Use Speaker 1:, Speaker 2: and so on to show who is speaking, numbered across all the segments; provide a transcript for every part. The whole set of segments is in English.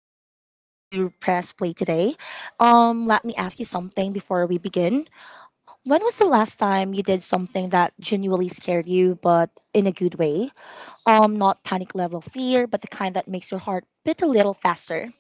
Speaker 1: I'm really glad you pressed play today. Let me ask you something before we begin. When was the last time you did something that genuinely scared you, but in a good way? Not panic level fear, but the kind that makes your heart beat a little faster,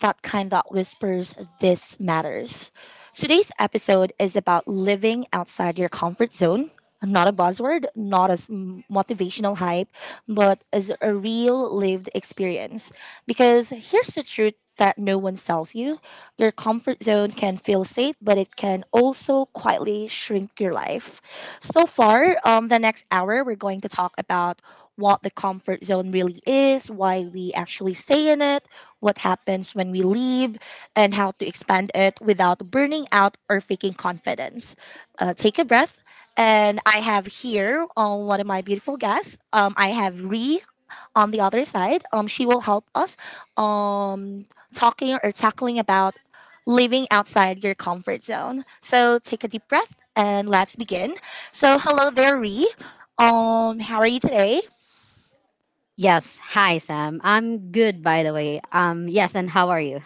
Speaker 1: that kind that whispers, this matters. Today's episode is about living outside your comfort zone. Not a buzzword, not as motivational hype, but as a real lived experience. Because here's the truth that no one tells you: your comfort zone can feel safe, but it can also quietly shrink your life. So far, the next hour, we're going to talk about what the comfort zone really is, why we actually stay in it, what happens when we leave, and how to expand it without burning out or faking confidence. Take a breath. And I have here one of my beautiful guests. I have Ree on the other side. She will help us um, talking or tackling about living outside your comfort zone. So take a deep breath and let's begin. So hello there, Ree. How are you today?
Speaker 2: Yes. Hi, Sam. I'm good, by the way. Yes, and how are you?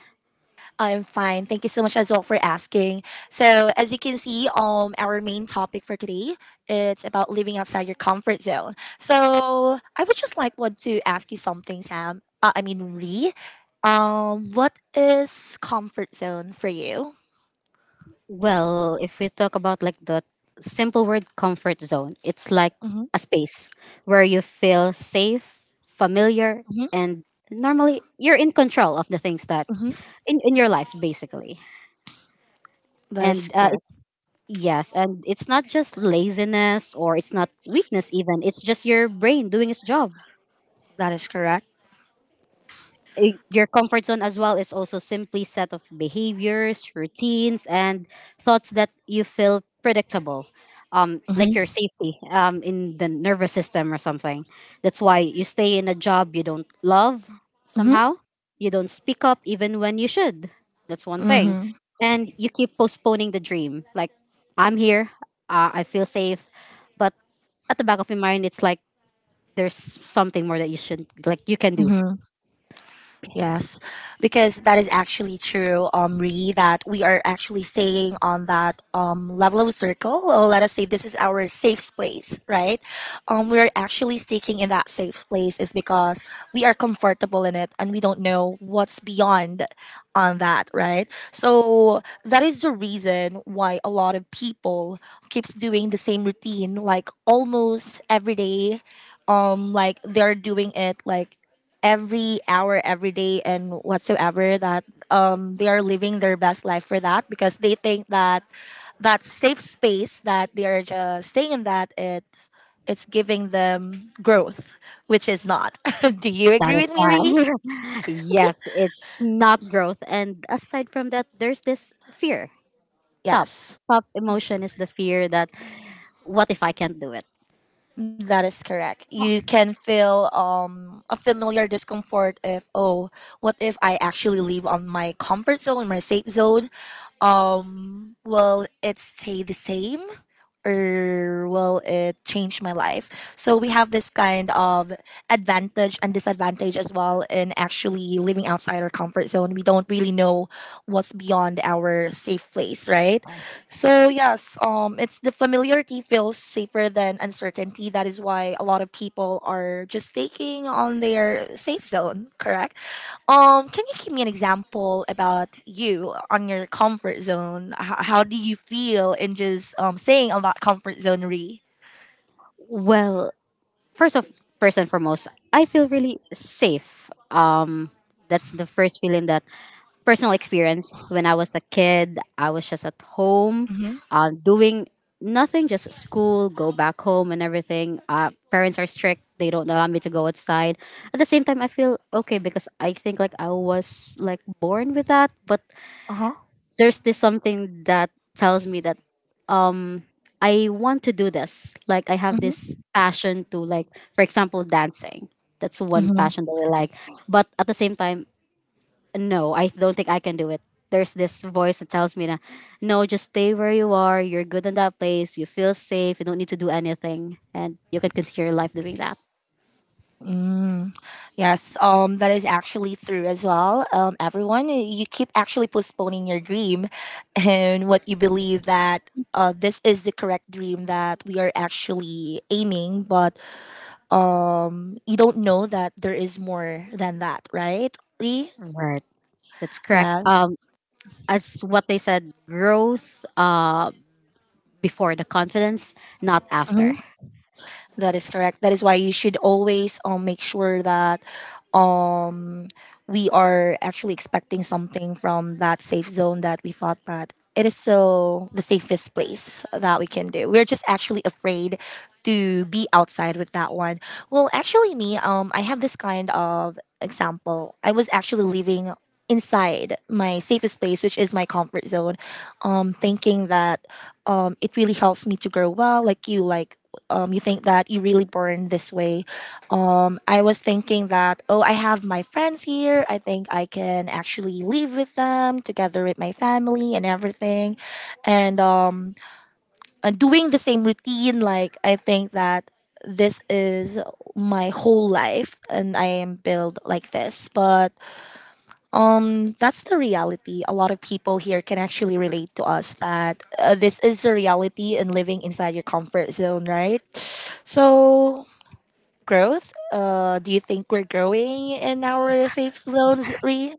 Speaker 1: I'm fine. Thank you so much as well for asking. So, as you can see, our main topic for today, it's about living outside your comfort zone. So, I would just like want to ask you something, Sam. I mean, Ree. What is comfort zone for you?
Speaker 2: Well, if we talk about like the simple word comfort zone, it's like
Speaker 1: Mm-hmm.
Speaker 2: a space where you feel safe, familiar,
Speaker 1: Mm-hmm.
Speaker 2: and normally you're in control of the things that
Speaker 1: Mm-hmm.
Speaker 2: in your life, basically.
Speaker 1: That is
Speaker 2: And
Speaker 1: correct.
Speaker 2: it's Yes, and it's not just laziness or it's not weakness, even. It's just your brain doing its job.
Speaker 1: That is correct.
Speaker 2: Your comfort zone as well is also simply set of behaviors, routines, and thoughts that you feel predictable,
Speaker 1: Mm-hmm.
Speaker 2: like your safety in the nervous system or something. That's why you stay in a job you don't love somehow. You don't speak up even when you should. That's one thing.
Speaker 1: Mm-hmm.
Speaker 2: And you keep postponing the dream. Like, I'm here, I feel safe, but at the back of your mind, it's like there's something more that you should, like, you can do.
Speaker 1: Mm-hmm. Yes, because that is actually true, Re, that we are actually staying on that level of circle. Or let us say this is our safe place, right? We're actually sticking in that safe place is because we are comfortable in it and we don't know what's beyond on that, right? So that is the reason why a lot of people keeps doing the same routine like almost every day, like they're doing it like every hour every day and whatsoever, that they are living their best life for that because they think that that safe space that they are just staying in, that it's giving them growth, which is not. Do you
Speaker 2: That
Speaker 1: agree
Speaker 2: is
Speaker 1: with me, Ree?
Speaker 2: why. Yes, it's not growth. And aside from that, there's this fear. Top.
Speaker 1: Yes.
Speaker 2: Top emotion is the fear that what if I can't do it?
Speaker 1: That is correct. You can feel a familiar discomfort if, oh, what if I actually live on my comfort zone, my safe zone? Will it stay the same? Or will it change my life? So we have this kind of advantage and disadvantage as well in actually living outside our comfort zone. We don't really know what's beyond our safe place, right? So yes, it's the familiarity feels safer than uncertainty. That is why a lot of people are just taking on their safe zone, correct? Can you give me an example about you on your comfort zone? How do you feel in just staying on that comfort zone, Re?
Speaker 2: Well, first of first and foremost, I feel really safe. That's the first feeling that personal experience when I was a kid. I was just at home,
Speaker 1: Mm-hmm.
Speaker 2: doing nothing, just school, go back home and everything. Parents are strict; they don't allow me to go outside. At the same time, I feel okay because I think like I was like born with that, but
Speaker 1: Uh-huh.
Speaker 2: there's this something that tells me that I want to do this. Like I have this
Speaker 1: Mm-hmm.
Speaker 2: passion to like, for example, dancing. That's one
Speaker 1: Mm-hmm.
Speaker 2: passion that I like. But at the same time, no, I don't think I can do it. There's this voice that tells me that no, just stay where you are. You're good in that place. You feel safe. You don't need to do anything, and you can continue your life doing that.
Speaker 1: Mm. Yes, that is actually true as well. Everyone, you keep actually postponing your dream and what you believe that, this is the correct dream that we are actually aiming, but you don't know that there is more than that, right, Re?
Speaker 2: Right. That's correct.
Speaker 1: Yes.
Speaker 2: As what they said, growth before the confidence, not after.
Speaker 1: Mm-hmm. That is correct. That is why you should always make sure that um we are actually expecting something from that safe zone that we thought that it is still the safest place that we can do. We're just actually afraid to be outside with that one. Well, actually, me, I have this kind of example. I was actually living inside my safest place, which is my comfort zone, thinking that it really helps me to grow well, like you think that you really born this way. I was thinking that, oh, I have my friends here. I think I can actually live with them together with my family and everything. And, um, and doing the same routine, like, I think that this is my whole life and I am built like this. But that's the reality. A lot of people here can actually relate to us that, this is the reality and living inside your comfort zone, right? So growth. Do you think we're growing in our safe zones, Lee?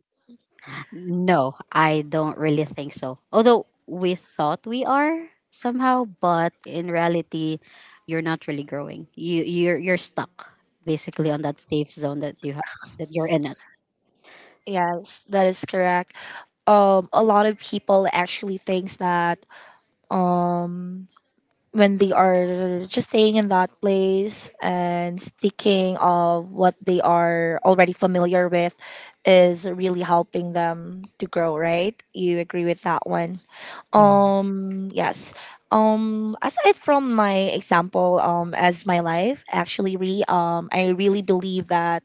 Speaker 2: No, I don't really think so. Although we thought we are somehow, but in reality, you're not really growing. You're stuck basically on that safe zone that that you're in it.
Speaker 1: Yes, that is correct. A lot of people actually thinks that um. when they are just staying in that place and sticking of what they are already familiar with is really helping them to grow, right? You agree with that one?
Speaker 2: Yeah.
Speaker 1: Yes. Aside from my example, as my life actually, Re, I really believe that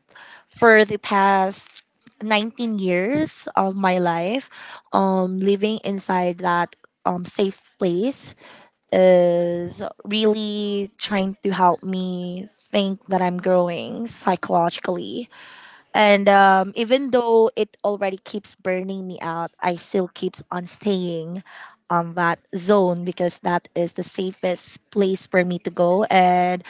Speaker 1: for the past 19 years of my life, living inside that safe place is really trying to help me think that I'm growing psychologically. And even though it already keeps burning me out, I still keeps on staying on that zone because that is the safest place for me to go. And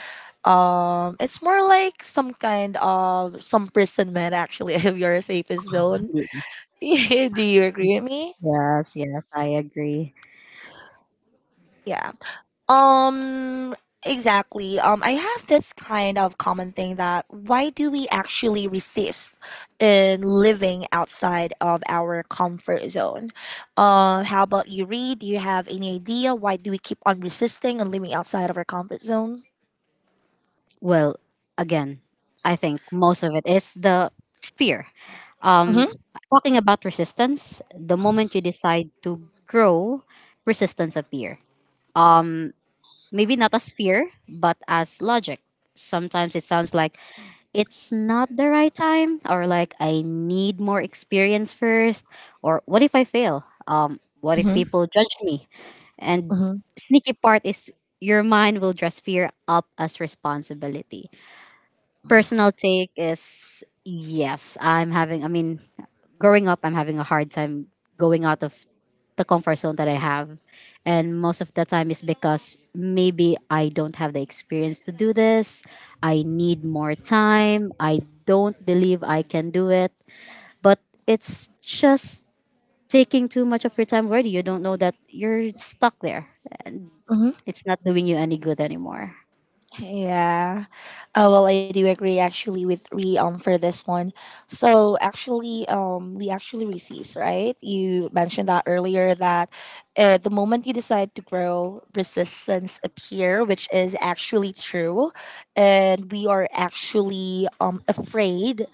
Speaker 1: it's more like some kind of some prison man actually. If you're a safest zone.
Speaker 2: Y-
Speaker 1: Do you agree with me?
Speaker 2: Yes, yes, I agree.
Speaker 1: Yeah. Um, exactly. I have this kind of common thing that why do we actually resist in living outside of our comfort zone? How about you, Reed? Do you have any idea why do we keep on resisting and living outside of our comfort zone?
Speaker 2: Well, again, I think most of it is the fear.
Speaker 1: Mm-hmm.
Speaker 2: Um, talking about resistance, the moment you decide to grow, resistance appear. Maybe not as fear, but as logic. Sometimes it sounds like it's not the right time, or like I need more experience first, or what if I fail? What if
Speaker 1: Mm-hmm.
Speaker 2: people judge me? And
Speaker 1: Mm-hmm.
Speaker 2: sneaky part is your mind will dress fear up as responsibility personal take is yes, I mean, growing up, I'm having a hard time going out of the comfort zone that I have. And most of the time is because maybe I don't have the experience to do this. I need more time. I don't believe I can do it. But it's just taking too much of your time already. You don't know that you're stuck there. It's not doing you any good anymore.
Speaker 1: Yeah. Well, I do agree actually with Re for this one. So actually, we actually resist, right? You mentioned that earlier that, the moment you decide to grow, resistance appear, which is actually true, and we are actually afraid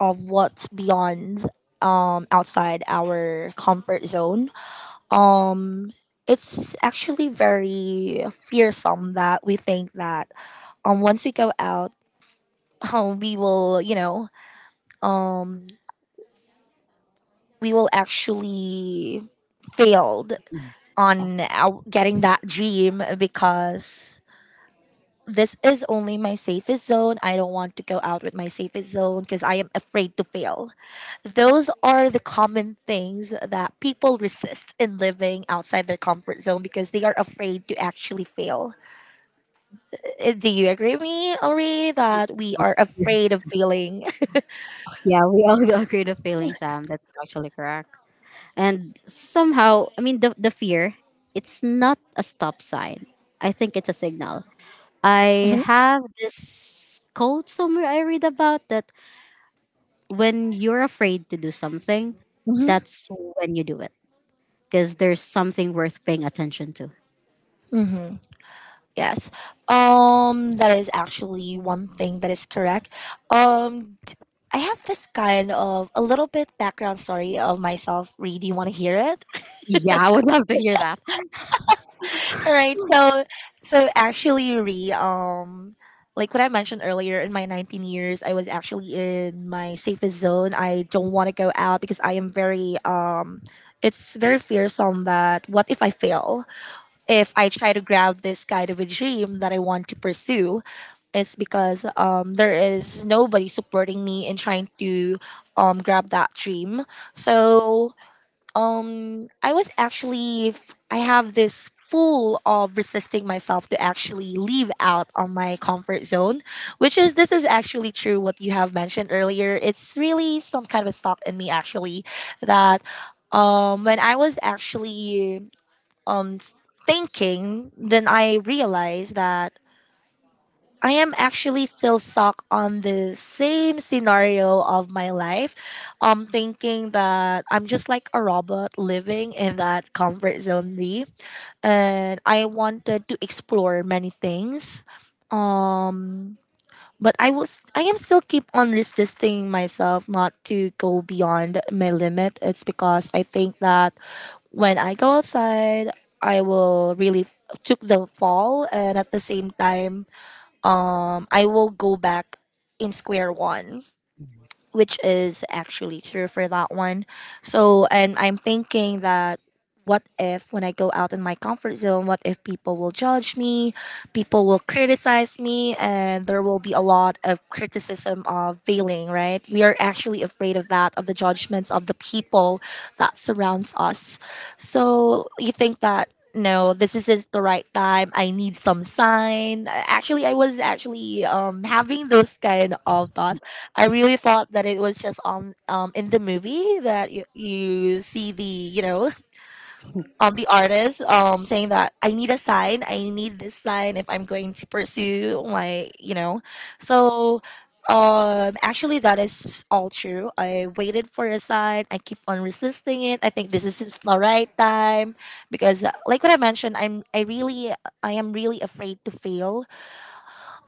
Speaker 1: of what's beyond outside our comfort zone. Um, it's actually very fearsome that we think that once we go out um we will you know um we will actually failed on
Speaker 2: Yes.
Speaker 1: our, getting that dream, because this is only my safest zone. I don't want to go out with my safest zone because I am afraid to fail. Those are the common things that people resist in living outside their comfort zone because they are afraid to actually fail. Do you agree with me, Ori, that we are afraid of failing?
Speaker 2: Yeah, we all agree to failing, Sam. That's actually correct. And somehow, I mean, the fear, it's not a stop sign. I think it's a signal. I have this quote somewhere I read about that when you're afraid to do something,
Speaker 1: Hmm.
Speaker 2: that's when you do it. Because there's something worth paying attention to.
Speaker 1: Hmm. Yes. That is actually one thing that is correct. Um I have this kind of a little bit background story of myself, Ree. Do you want to hear it?
Speaker 2: Yeah, I would love to hear that.
Speaker 1: All right. So actually, Ree, like what I mentioned earlier, in my 19 years, I was actually in my safest zone. I don't want to go out because I am very it's very fearsome that what if I fail? If I try to grab this kind of a dream that I want to pursue, it's because there is nobody supporting me in trying to grab that dream. So I was actually, I have this full of resisting myself to actually leave out on my comfort zone, which is this is actually true what you have mentioned earlier. It's really some kind of a stop in me actually, that when I was actually um thinking, then I realized that I am actually still stuck on the same scenario of my life. Thinking that I'm just like a robot living in that comfort zone me. And I wanted to explore many things. Um, but I am still keep on resisting myself not to go beyond my limit. It's because I think that when I go outside, I will really took the fall and at the same time, I will go back in square one, which is actually true for that one. So, and I'm thinking that what if when I go out in my comfort zone, what if people will judge me, people will criticize me, and there will be a lot of criticism of failing, right? We are actually afraid of that, of the judgments of the people that surrounds us. So, you think that no, this isn't the right time. I need some sign. Actually, I was actually having those kind of thoughts. I really thought that it was just on in the movie that you see, the you know the artist saying that I need a sign, I need this sign if I'm going to pursue my so actually that is all true. I waited for a sign. I keep on resisting it. I think this is it's the right time, because like what I mentioned, I really, I am really afraid to fail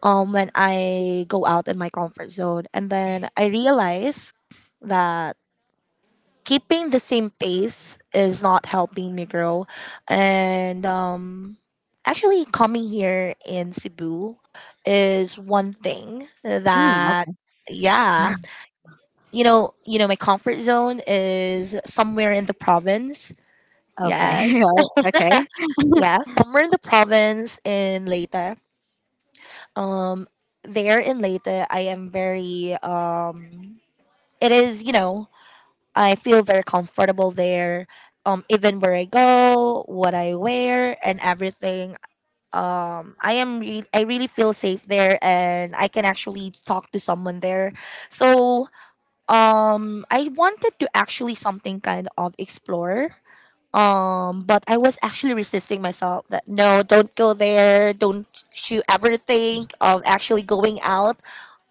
Speaker 1: when I go out in my comfort zone. And then I realize that keeping the same pace is not helping me grow. And actually coming here in Cebu is one thing
Speaker 2: Mm,
Speaker 1: that yeah. You know, my comfort zone is somewhere in the province.
Speaker 2: okay. Okay.
Speaker 1: Yes.
Speaker 2: right, okay.
Speaker 1: Yeah, somewhere in the province in Leyte. Um there in Leyte, I am very it is, I feel very comfortable there. Even where I go, what I wear, and everything. I really feel safe there, and I can actually talk to someone there. So, I wanted to actually something kind of explore. But I was actually resisting myself that no, don't go there. Don't you ever think of actually going out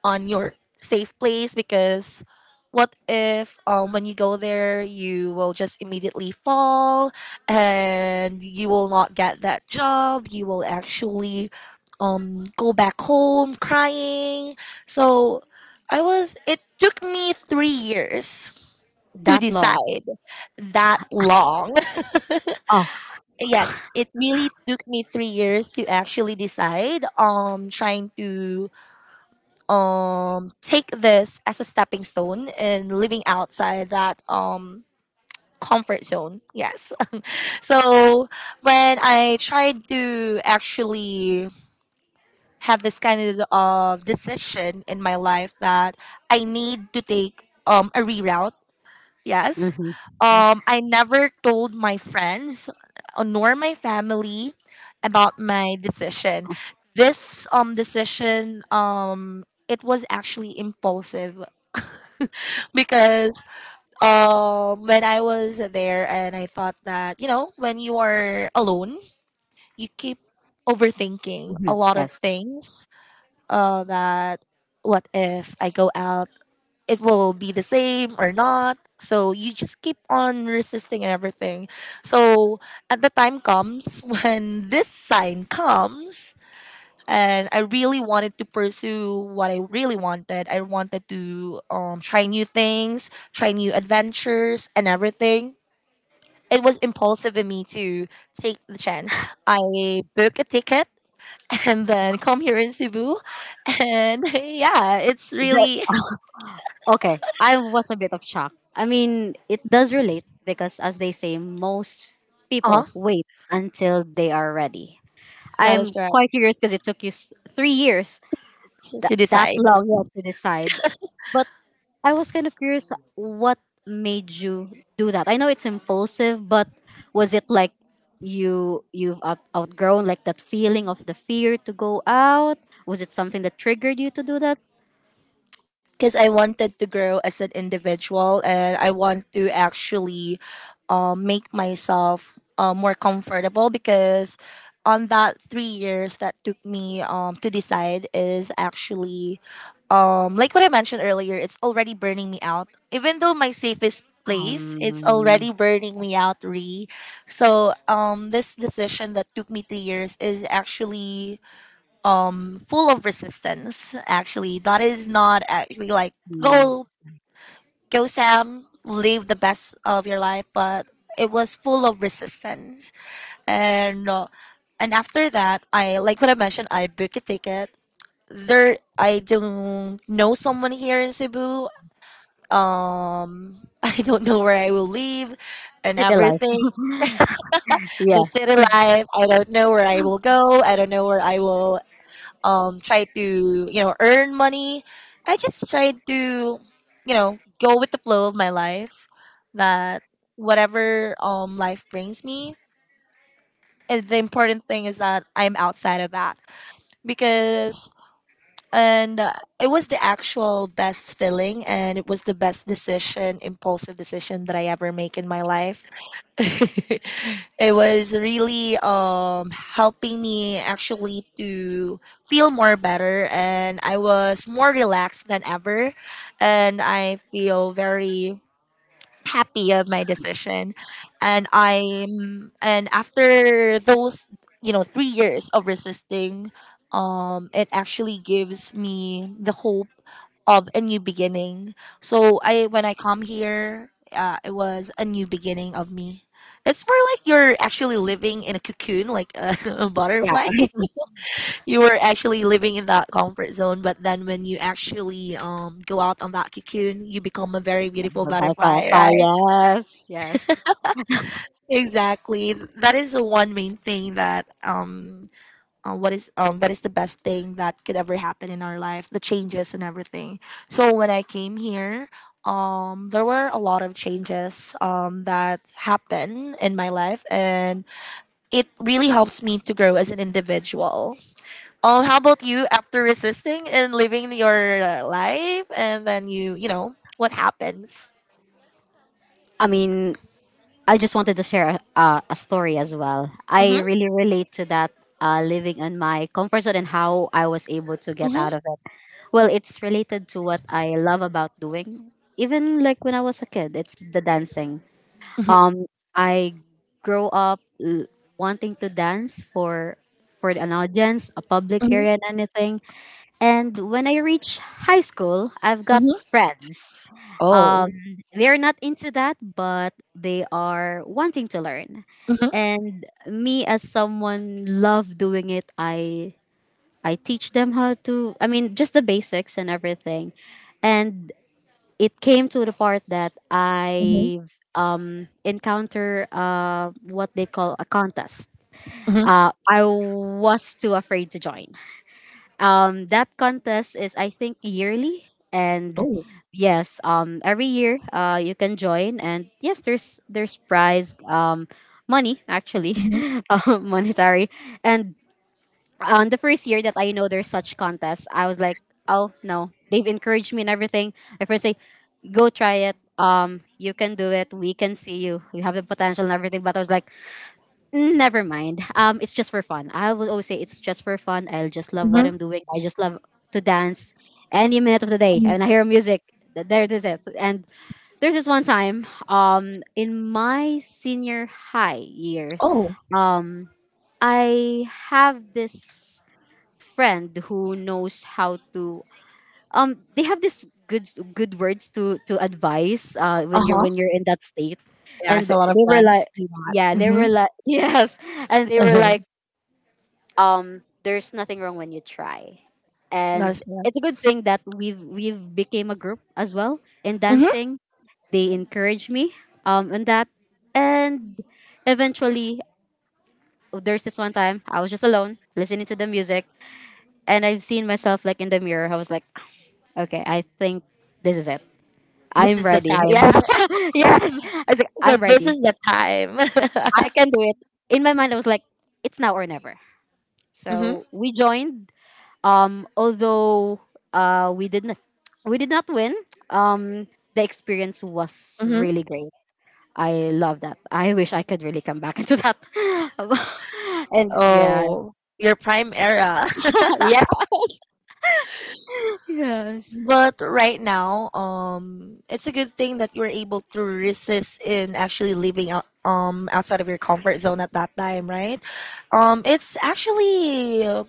Speaker 1: on your safe place? Because what if when you go there you will just immediately fall and you will not get that job, you will actually go back home crying. So I was it took me 3 years to
Speaker 2: That long.
Speaker 1: decide that long.
Speaker 2: Oh,
Speaker 1: Yes, it really took me 3 years to actually decide, trying to take this as a stepping stone in living outside that comfort zone. Yes. So when I tried to actually have this kind of decision in my life that I need to take a reroute. Yes.
Speaker 2: okay.
Speaker 1: I never told my friends, nor my family, about my decision. This decision, it was actually impulsive, because when I was there and I thought that, you know, when you are alone, you keep overthinking a
Speaker 2: Mhm,
Speaker 1: lot of
Speaker 2: yes.
Speaker 1: things. That what if I go out, it will be the same or not? So you just keep on resisting and everything. So at the time comes when this sign comes, and I really wanted to pursue what I really wanted. I wanted to try new things, try new adventures, and everything. It was impulsive in me to take the chance. I booked a ticket and then come here in Cebu, and yeah, it's really
Speaker 2: Okay, I was a bit of shock. I mean, it does relate because, as they say, most
Speaker 1: uh
Speaker 2: people wait until they are ready.
Speaker 1: that is
Speaker 2: I'm
Speaker 1: correct,
Speaker 2: quite curious because it took you 3 years
Speaker 1: to
Speaker 2: that
Speaker 1: decide.
Speaker 2: long, yeah, to decide. But I was kind of curious what made you do that. I know it's impulsive, but was it like you've outgrown like that feeling of the fear to go out? Was it something that triggered you to do that?
Speaker 1: Because I wanted to grow as an individual, and I want to actually make myself more comfortable, because on that 3 years that took me to decide is actually like what I mentioned earlier, it's already burning me out. Even though my safest place, it's
Speaker 2: Um,
Speaker 1: already burning me out, re. So this decision that took me 3 years is actually full of resistance, actually. That is not actually like go, go sam, live the best of your life, but it was full of resistance. And and after that, I like what I mentioned, I book a ticket there. I don't know someone here in Cebu. um I don't know where I will live and
Speaker 2: city life.
Speaker 1: everything. The city
Speaker 2: Yes.
Speaker 1: life, I don't know where I will go, I don't know where I will try to, you know, earn money. I just tried to, you know, go with the flow of my life, that whatever life brings me, and the important thing is that I'm outside of that. Because and it was the actual best feeling, and it was the best decision, impulsive decision that I ever make in my life. It was really helping me actually to feel more better, and I was more relaxed than ever, and I feel very happy of my decision. And after those, you know, 3 years of resisting, it actually gives me the hope of a new beginning. So I when I come here, it was a new beginning of me. It's more like you're actually living in a cocoon, like a, a
Speaker 2: Yeah.
Speaker 1: butterfly. You were actually living in that comfort zone, but then when you actually go out on that cocoon, you become a very beautiful
Speaker 2: By
Speaker 1: butterfly,
Speaker 2: Firefly.
Speaker 1: right?
Speaker 2: Yes. Yes.
Speaker 1: Exactly. That is the one main thing that what is that is the best thing that could ever happen in our life, the changes and everything. So when I came here, there were a lot of changes that happened in my life, and it really helps me to grow as an individual. How about you? After resisting and living your life, and then you know, what happens?
Speaker 2: I mean, I just wanted to share a story as well. I
Speaker 1: mm-hmm,
Speaker 2: really relate to that living in my comfort zone and how I was able to get
Speaker 1: mm-hmm,
Speaker 2: out of it. Well, it's related to what I love about doing. Even like when I was a kid, it's the dancing.
Speaker 1: mm-hmm,
Speaker 2: Um, I grow up l- wanting to dance for an audience, a public
Speaker 1: mm-hmm,
Speaker 2: area, and anything. And when I reach high school, I've got
Speaker 1: mm-hmm.
Speaker 2: friends. Um,
Speaker 1: Oh.
Speaker 2: they're not into that, but they are wanting to learn.
Speaker 1: mm-hmm,
Speaker 2: And me, as someone love doing it, I teach them how to. I mean, just the basics and everything. And it came to the part that
Speaker 1: mm-hmm,
Speaker 2: I encounter what they call a contest.
Speaker 1: mm-hmm.
Speaker 2: I was too afraid to join. That contest is I think yearly, and
Speaker 1: Oh.
Speaker 2: yes, every year you can join, and yes, there's prize money actually,
Speaker 1: mm-hmm,
Speaker 2: monetary, and on the first year that I know there's such contest, I was like, oh no, they've encouraged me and everything. My friends say, go try it. You can do it. We can see you. You have the potential and everything. But I was like, never mind. It's just for fun. I will always say it's just for fun. I just love what I'm
Speaker 1: mm-hmm,
Speaker 2: doing. I just love to dance any minute of the day. And I
Speaker 1: mm-hmm.
Speaker 2: hear music. There it is. It. And there's this one time, in my senior high years,
Speaker 1: Oh.
Speaker 2: um, I have this friend who knows how to they have this good words to advise
Speaker 1: Uh-huh.
Speaker 2: when you're in that state,
Speaker 1: Yeah,
Speaker 2: and
Speaker 1: so a lot of
Speaker 2: they were like,
Speaker 1: friends do
Speaker 2: yeah,
Speaker 1: that.
Speaker 2: they
Speaker 1: Hmm.
Speaker 2: were like, yes, and they were like, there's nothing wrong when you try,
Speaker 1: Not
Speaker 2: and
Speaker 1: as.
Speaker 2: it's a good thing that we've became a group as well in
Speaker 1: Hmm.
Speaker 2: dancing. They encouraged me in that, and eventually there's this one time I was just alone listening to the music, and I've seen myself like in the mirror. I was like, okay, I think this is it.
Speaker 1: This
Speaker 2: I'm
Speaker 1: is the
Speaker 2: ready. Yeah.
Speaker 1: time.
Speaker 2: yes. I was like,
Speaker 1: So
Speaker 2: I'm
Speaker 1: this
Speaker 2: ready.
Speaker 1: is the time.
Speaker 2: I can do it. In my mind, I was like, it's now or never.
Speaker 1: Hmm.
Speaker 2: So we joined. Although uh, we did not, we did not win. Um, the experience was
Speaker 1: Hmm.
Speaker 2: really great. I love that. I wish I could really come back into that. And yeah,
Speaker 1: Oh, your prime era.
Speaker 2: yeah, yes,
Speaker 1: But right now, it's a good thing that you were able to resist in actually living out, outside of your comfort zone at that time, right? It's actually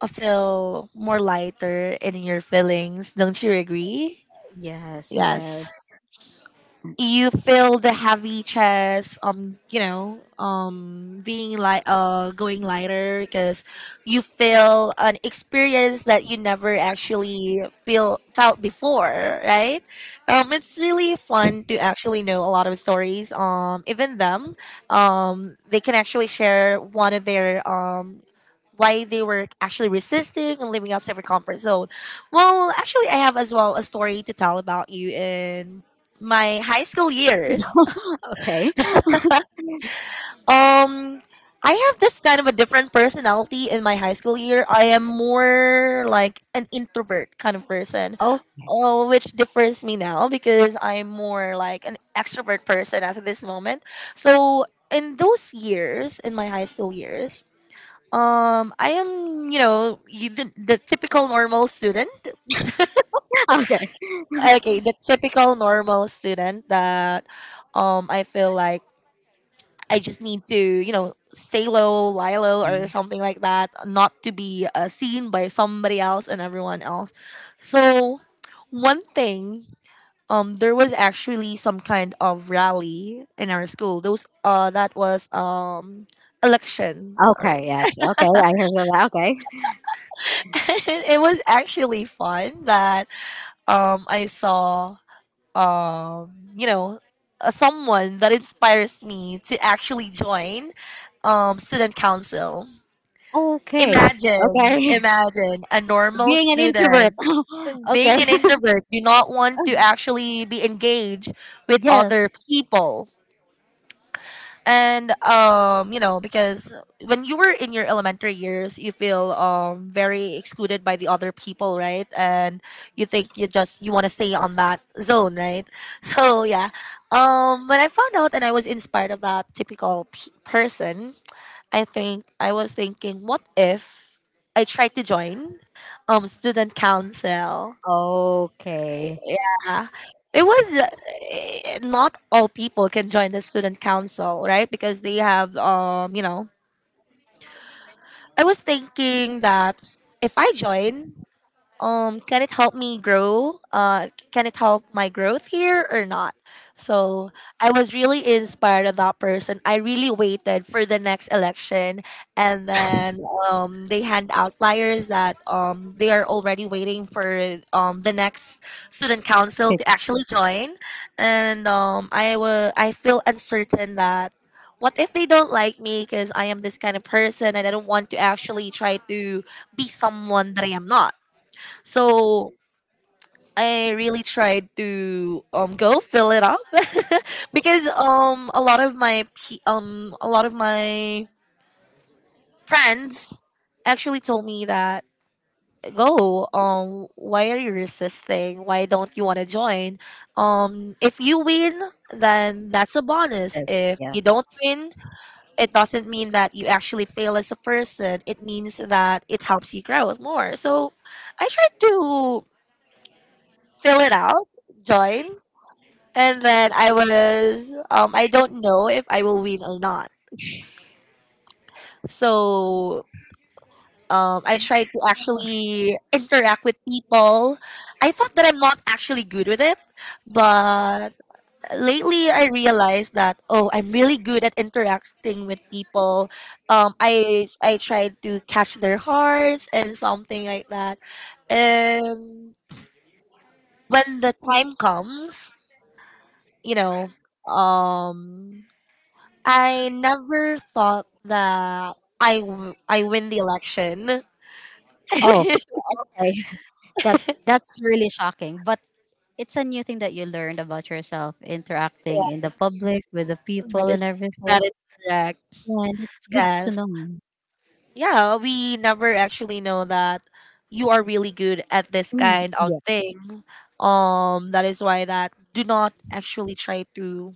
Speaker 1: a feel more lighter in your feelings. Don't you agree?
Speaker 2: yes,
Speaker 1: Yes.
Speaker 2: yes.
Speaker 1: You feel the heavy chest, you know, being like going lighter, because you feel an experience that you never actually feel felt before, right? It's really fun to actually know a lot of stories, even them, they can actually share one of their why they were actually resisting and living outside their comfort zone. Well, actually, I have as well a story to tell about you in my high school years.
Speaker 2: Okay.
Speaker 1: Um, I have this kind of a different personality in my high school year. I am more like an introvert kind of person.
Speaker 2: Oh,
Speaker 1: Oh, which differs me now, because I'm more like an extrovert person as at this moment. So in those years, in my high school years, I am, you know, you, the typical normal student.
Speaker 2: okay.
Speaker 1: Okay, the typical normal student that, I feel like I just need to, you know, stay low, lie low, or something like that, not to be seen by somebody else and everyone else. So, one thing, there was actually some kind of rally in our school. Those, that was election. All
Speaker 2: Okay.
Speaker 1: right.
Speaker 2: Yes. Okay. I heard that. Okay.
Speaker 1: It was actually fun that I saw, um you know someone that inspires me to actually join student council.
Speaker 2: Okay.
Speaker 1: Imagine,
Speaker 2: Okay.
Speaker 1: imagine a normal
Speaker 2: Being an introvert.
Speaker 1: student being
Speaker 2: okay.
Speaker 1: an introvert, do not want to actually be engaged with other
Speaker 2: yes.
Speaker 1: people, and you know, because when you were in your elementary years, you feel very excluded by the other people, right? And you think you just, you want to stay on that zone, right? So yeah, when I found out and I was inspired of that person, I think I was thinking, what if I tried to join student council?
Speaker 2: Okay.
Speaker 1: Yeah. It was not all people can join the student council, right? Because they have, you know, I was thinking that if I join, can it help me grow, can it help my growth here or not? So I was really inspired of that person. I really waited for the next election, and then they hand out flyers that they are already waiting for the next student council to actually join. And I feel uncertain that what if they don't like me, because I am this kind of person and I don't want to actually try to be someone that I am not? So I really tried to go fill it up. Because a lot of my friends actually told me that, go, why are you resisting, why don't you want to join? If you win, then that's a bonus.
Speaker 2: Fitness,
Speaker 1: If
Speaker 2: yeah.
Speaker 1: you don't win, it doesn't mean that you actually fail as a person, it means that it helps you grow more. So I tried to fill it out, join, and then I was I don't know if I will win or not. So I tried to actually interact with people. I thought that I'm not actually good with it, but lately I realized that, oh, I'm really good at interacting with people. I tried to catch their hearts and something like that. And when the time comes, you know, um I never thought that I win the election.
Speaker 2: Oh, okay. That that's really shocking. But it's a new thing that you learned about yourself, interacting in
Speaker 1: Yeah,
Speaker 2: the public with the people
Speaker 1: that is,
Speaker 2: and everything.
Speaker 1: that is correct.
Speaker 2: Yeah, and it's good to
Speaker 1: Yes.
Speaker 2: know.
Speaker 1: Yeah, we never actually know that you are really good at this
Speaker 2: Mm,
Speaker 1: kind of
Speaker 2: yeah.
Speaker 1: thing. That is why that, do not actually try to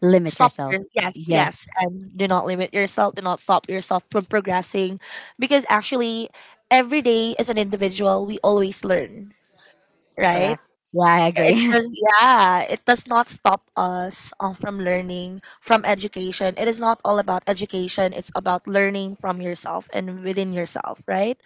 Speaker 2: Limit
Speaker 1: stop
Speaker 2: yourself.
Speaker 1: your, yes, yes,
Speaker 2: Yes.
Speaker 1: and do not limit yourself, do not stop yourself from progressing. Because actually every day as an individual we always learn, right?
Speaker 2: Correct. Yeah, I
Speaker 1: It
Speaker 2: agree.
Speaker 1: does. Yeah, it does not stop us, from learning from education. It is not all about education. It's about learning from yourself and within yourself, right?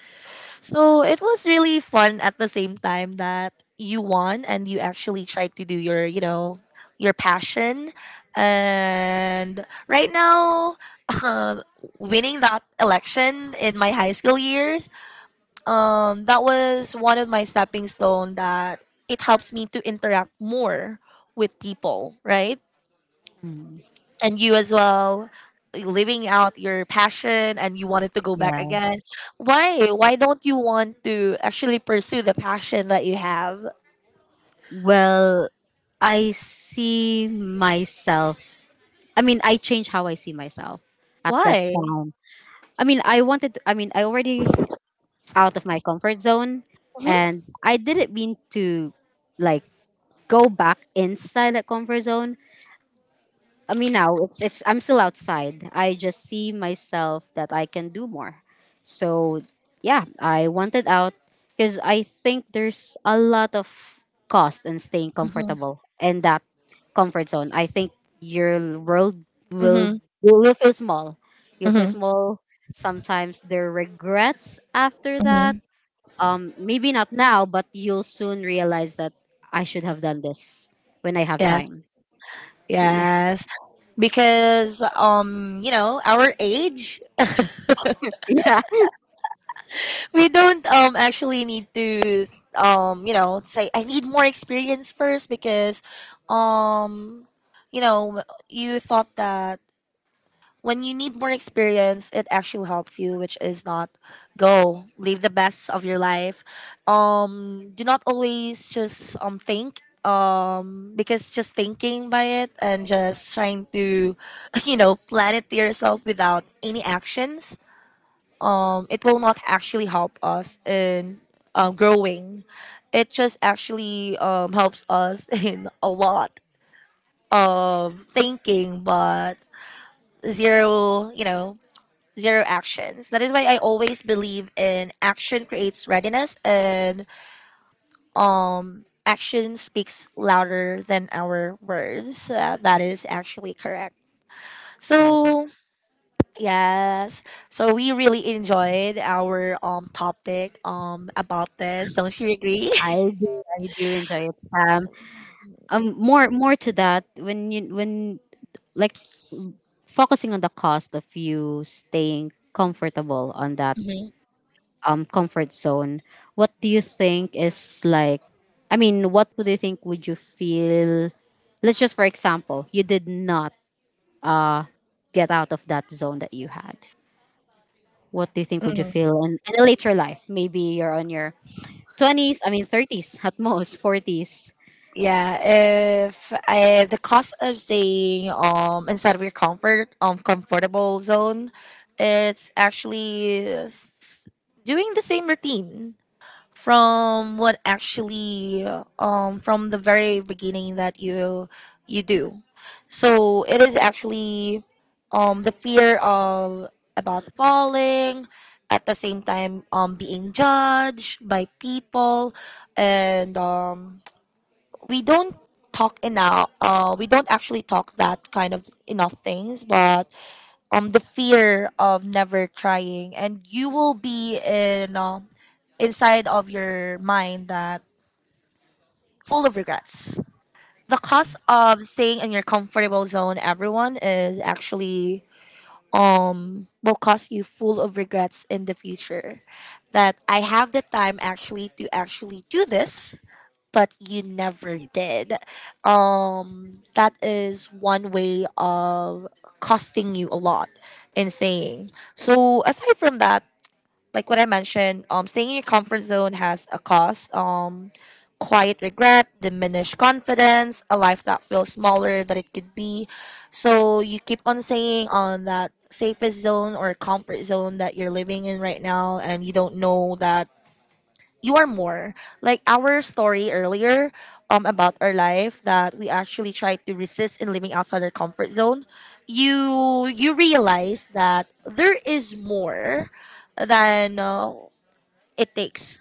Speaker 1: So it was really fun at the same time that you won and you actually tried to do your you know your passion. And right now uh, winning that election in my high school years, that was one of my stepping stone that it helps me to interact more with people, right?
Speaker 2: Mm,
Speaker 1: And you as well, living out your passion, and you wanted to go back
Speaker 2: yeah.
Speaker 1: again. Why don't you want to actually pursue the passion that you have?
Speaker 2: Well, I see myself. I mean, I changed how I see myself at that
Speaker 1: Why?
Speaker 2: time. I mean, I wanted. To, I mean, I already out of my comfort zone,
Speaker 1: Hmm.
Speaker 2: and I didn't mean to like go back inside that comfort zone. I mean now, it's I'm still outside. I just see myself that I can do more. So yeah, I wanted out because I think there's a lot of cost in staying
Speaker 1: Mm-hmm.
Speaker 2: comfortable in that comfort zone. I think your world will
Speaker 1: Mm-hmm.
Speaker 2: will feel small. You feel
Speaker 1: Mm-hmm.
Speaker 2: small. Sometimes there are regrets after that.
Speaker 1: Mm-hmm.
Speaker 2: Maybe not now, but you'll soon realize that I should have done this when I have
Speaker 1: Yes,
Speaker 2: time.
Speaker 1: yes. Because, our age,
Speaker 2: Yeah.
Speaker 1: we don't actually need to, say I need more experience first, because, um you know you thought that when you need more experience it actually helps you, which is not. Go live the best of your life. Do not always just think, because just thinking by it and just trying to plan it to yourself without any actions, it will not actually help us in, growing. It just actually helps us in a lot of thinking, but zero, zero actions. That is why I always believe in action creates readiness and, action speaks louder than our words. That is actually correct. So. Yes. So we really enjoyed our topic about this. Don't you agree?
Speaker 2: I do enjoy it, Sam. More to that when you when like focusing on the cost of you staying comfortable on that
Speaker 1: Hmm.
Speaker 2: comfort zone. What do you think is like? I mean, what would you think would you feel? Let's just for example, you did not get out of that zone that you had. What do you think would you
Speaker 1: Hmm.
Speaker 2: feel in a later life? Maybe you're on your twenties. I mean, thirties at most, forties.
Speaker 1: Yeah. If, the cost of staying inside of your comfort, comfortable zone, it's actually doing the same routine from what actually, from the very beginning that you do, so it is actually, the fear of about falling, at the same time being judged by people, and, we don't talk enough, we don't actually talk that kind of enough things, but, the fear of never trying, and you will be in, inside of your mind that full of regrets. The cost of staying in your comfortable zone, everyone, is actually, will cost you full of regrets in the future, that I have the time actually to actually do this, but you never did. That is one way of costing you a lot in staying. So aside from that, like what I mentioned, staying in your comfort zone has a cost. Quiet regret, diminished confidence, a life that feels smaller than it could be. So you keep on staying on that safest zone or comfort zone that you're living in right now, and you don't know that you are more, like our story earlier, about our life, that we actually try to resist in living outside our comfort zone. You realize that there is more than, it takes.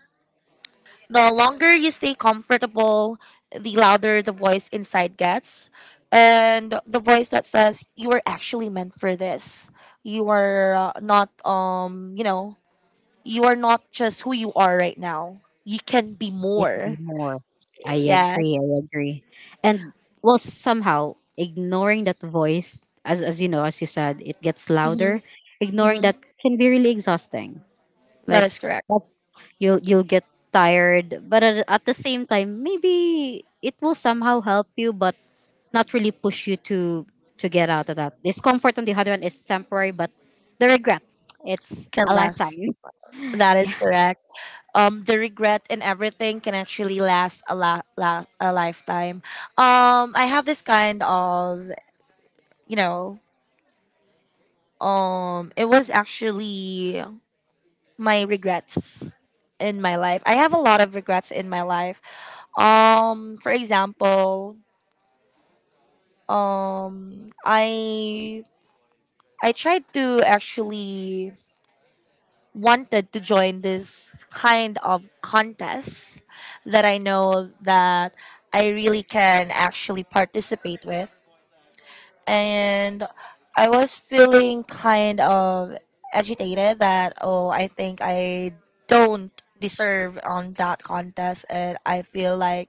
Speaker 1: The longer you stay comfortable, the louder the voice inside gets, and the voice that says you are actually meant for this. You are, not, you are not just who you are right now, you can be
Speaker 2: It could be
Speaker 1: more.
Speaker 2: more. I agree. I
Speaker 1: Yes.
Speaker 2: agree. And well, somehow ignoring that voice, as you know, as you said, it gets
Speaker 1: Mm-hmm.
Speaker 2: louder. Ignoring
Speaker 1: Mm-hmm.
Speaker 2: that can be really exhausting.
Speaker 1: That
Speaker 2: Like
Speaker 1: is correct.
Speaker 2: that's you'll get tired, but at the same time, maybe it will somehow help you, but not really push you to get out of that discomfort. On the other hand, is temporary, but the regret, it's
Speaker 1: Can
Speaker 2: a lifetime.
Speaker 1: last. That is correct. The regret and everything can actually last a lifetime. I have this kind of, you know, it was actually my regrets in my life. I have a lot of regrets in my life. For example, um, I I tried to actually wanted to join this kind of contest that I know that I really can actually participate with. And I was feeling kind of agitated that, oh, I think I don't deserve on that contest, and I feel like,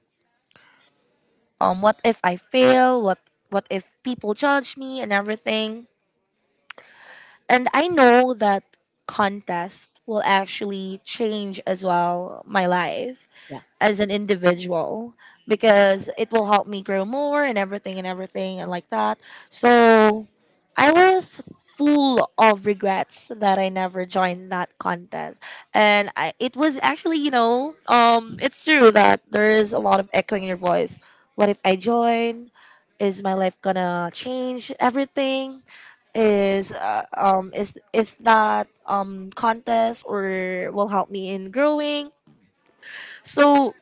Speaker 1: what if I fail? What if people judge me and everything? And I know that contest will actually change as well my life
Speaker 2: Yeah,
Speaker 1: as an individual, because it will help me grow more and everything and everything and like that. So I was full of regrets that I never joined that contest. And it was actually, it's true that there is a lot of echoing in your voice. What if I join? Is my life gonna change everything? Is that contest or will help me in growing? So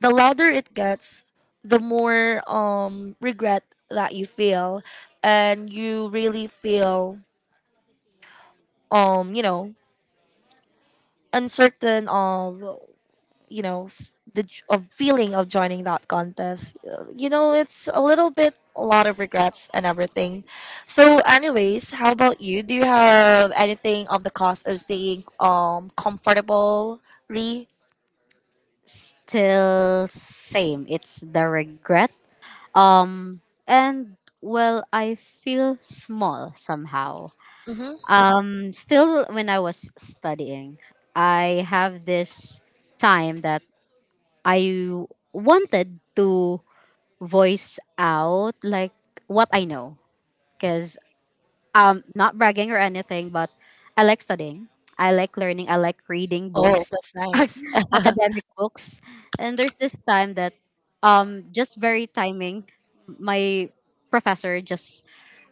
Speaker 1: the louder it gets, the more regret that you feel, and you really feel, um you know uncertain of, of feeling of joining that contest. It's a little bit a lot of regrets and everything. So, anyways, how about you? Do you have anything of the cost of staying comfortable? Re.
Speaker 2: still same. It's the regret. Um, and well, I feel small somehow.
Speaker 1: Mm-hmm.
Speaker 2: Still, when I was studying, I have this time that I wanted to voice out like what I know because not bragging or anything, but I like studying, I like learning, I like reading
Speaker 1: Oh,
Speaker 2: books.
Speaker 1: that's nice.
Speaker 2: Academic books. And there's this time that just very timing, my professor just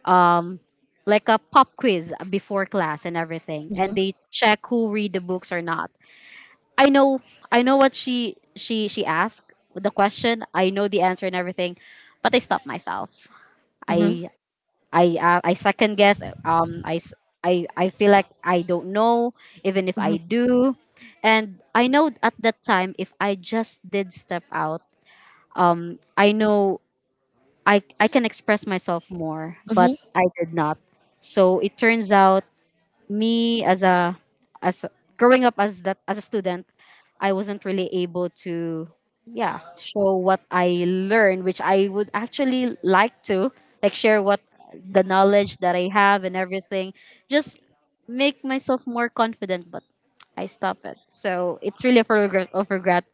Speaker 2: um like a pop quiz before class and everything, and they
Speaker 1: Mm-hmm.
Speaker 2: check who read the books or not. i know I know what she she asked the question, I know the answer and everything, but I stopped myself. i
Speaker 1: Mm-hmm.
Speaker 2: I second guess. I feel like I don't know, even if I
Speaker 1: Mm-hmm.
Speaker 2: do, and I know at that time if I just did step out, I know I can express myself more, but I did not. So it turns out me as a growing up as that as a student, I wasn't really able to yeah show what I learned, which I would actually like to like share what the knowledge that I have and everything, just make myself more confident. But I stop it, so it's really a regret of regret.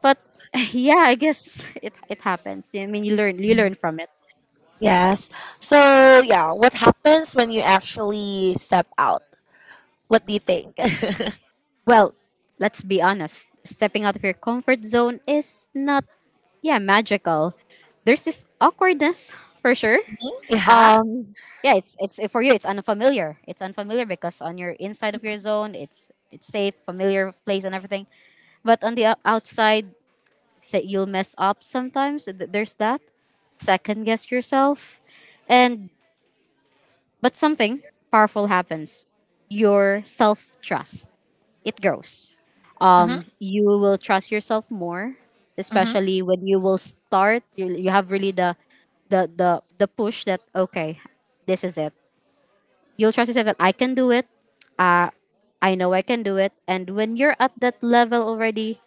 Speaker 2: But yeah, I guess it happens. I mean, you learn from it.
Speaker 1: Yes. So, yeah, what happens when you actually step out? What do you think?
Speaker 2: Well, let's be honest. Stepping out of your comfort zone is not, yeah, magical. There's this awkwardness for sure.
Speaker 1: Mhm, yeah.
Speaker 2: Um, yeah, it's for you. It's unfamiliar. It's unfamiliar because on your inside of your zone, it's safe, familiar place, and everything. But on the outside, say you'll mess up sometimes. There's that second guess yourself, and but something powerful happens. Your self trust, it grows,
Speaker 1: Mm-hmm.
Speaker 2: you will trust yourself more,
Speaker 1: Mm-hmm.
Speaker 2: especially when you will start, you have really the the push that okay, this is it, you'll trust yourself that I can do it, I know I can do it. And when you're at that level already,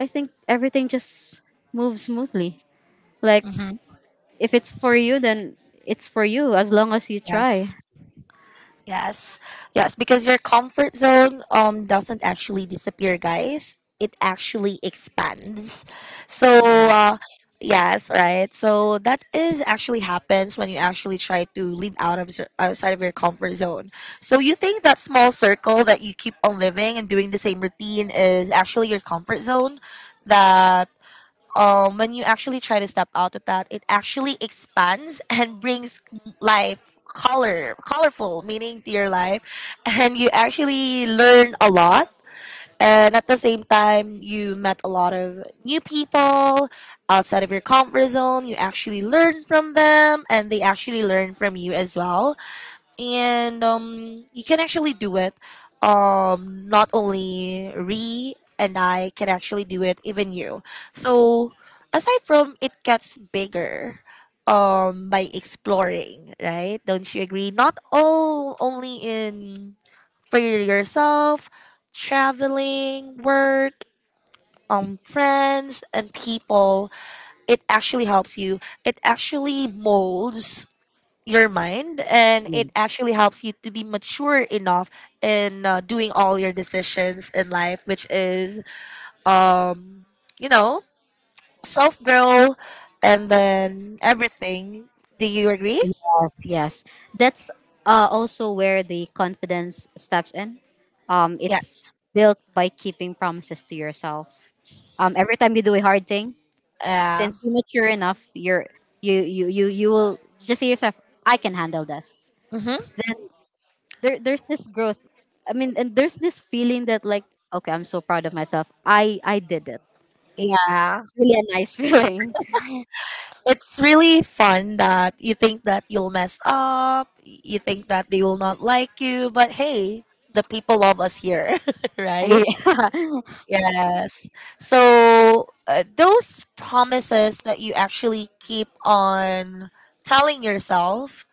Speaker 2: I think everything just moves smoothly. Like
Speaker 1: Mm-hmm.
Speaker 2: if it's for you, then it's for you as long as you try.
Speaker 1: Yes. Yes. Yes, because your comfort zone doesn't actually disappear, guys. It actually expands. So,
Speaker 2: Yeah.
Speaker 1: uh yes, right. So that is actually happens when you actually try to live out of, outside of your comfort zone. So you think that small circle that you keep on living and doing the same routine is actually your comfort zone, that, when you actually try to step out of that, it actually expands and brings life color, colorful meaning to your life, and you actually learn a lot. And at the same time, you met a lot of new people outside of your comfort zone. You actually learn from them, and they actually learn from you as well, and, you can actually do it. Not only Re and I can actually do it, even you. So, aside from, it gets bigger by exploring, right? Don't you agree? Not all, only in, for yourself, traveling, work, friends and people, it actually helps you, it actually molds your mind, and it actually helps you to be mature enough in, doing all your decisions in life, which is, um you know self grow, and then everything. Do you agree?
Speaker 2: Yes, yes. That's also where the confidence steps in. It's
Speaker 1: Yes.
Speaker 2: built by keeping promises to yourself. Every time you do a hard thing,
Speaker 1: Yeah.
Speaker 2: since you mature enough, you will just say yourself, "I can handle this."
Speaker 1: Mm-hmm.
Speaker 2: Then there's this growth. I mean, and there's this feeling that like, okay, I'm so proud of myself. I did it.
Speaker 1: Yeah,
Speaker 2: Really a nice feeling.
Speaker 1: it's really fun that you think that you'll mess up, you think that they will not like you, but hey, the people love us here, right?
Speaker 2: Yeah.
Speaker 1: Yes. So, those promises that you actually keep on telling yourself,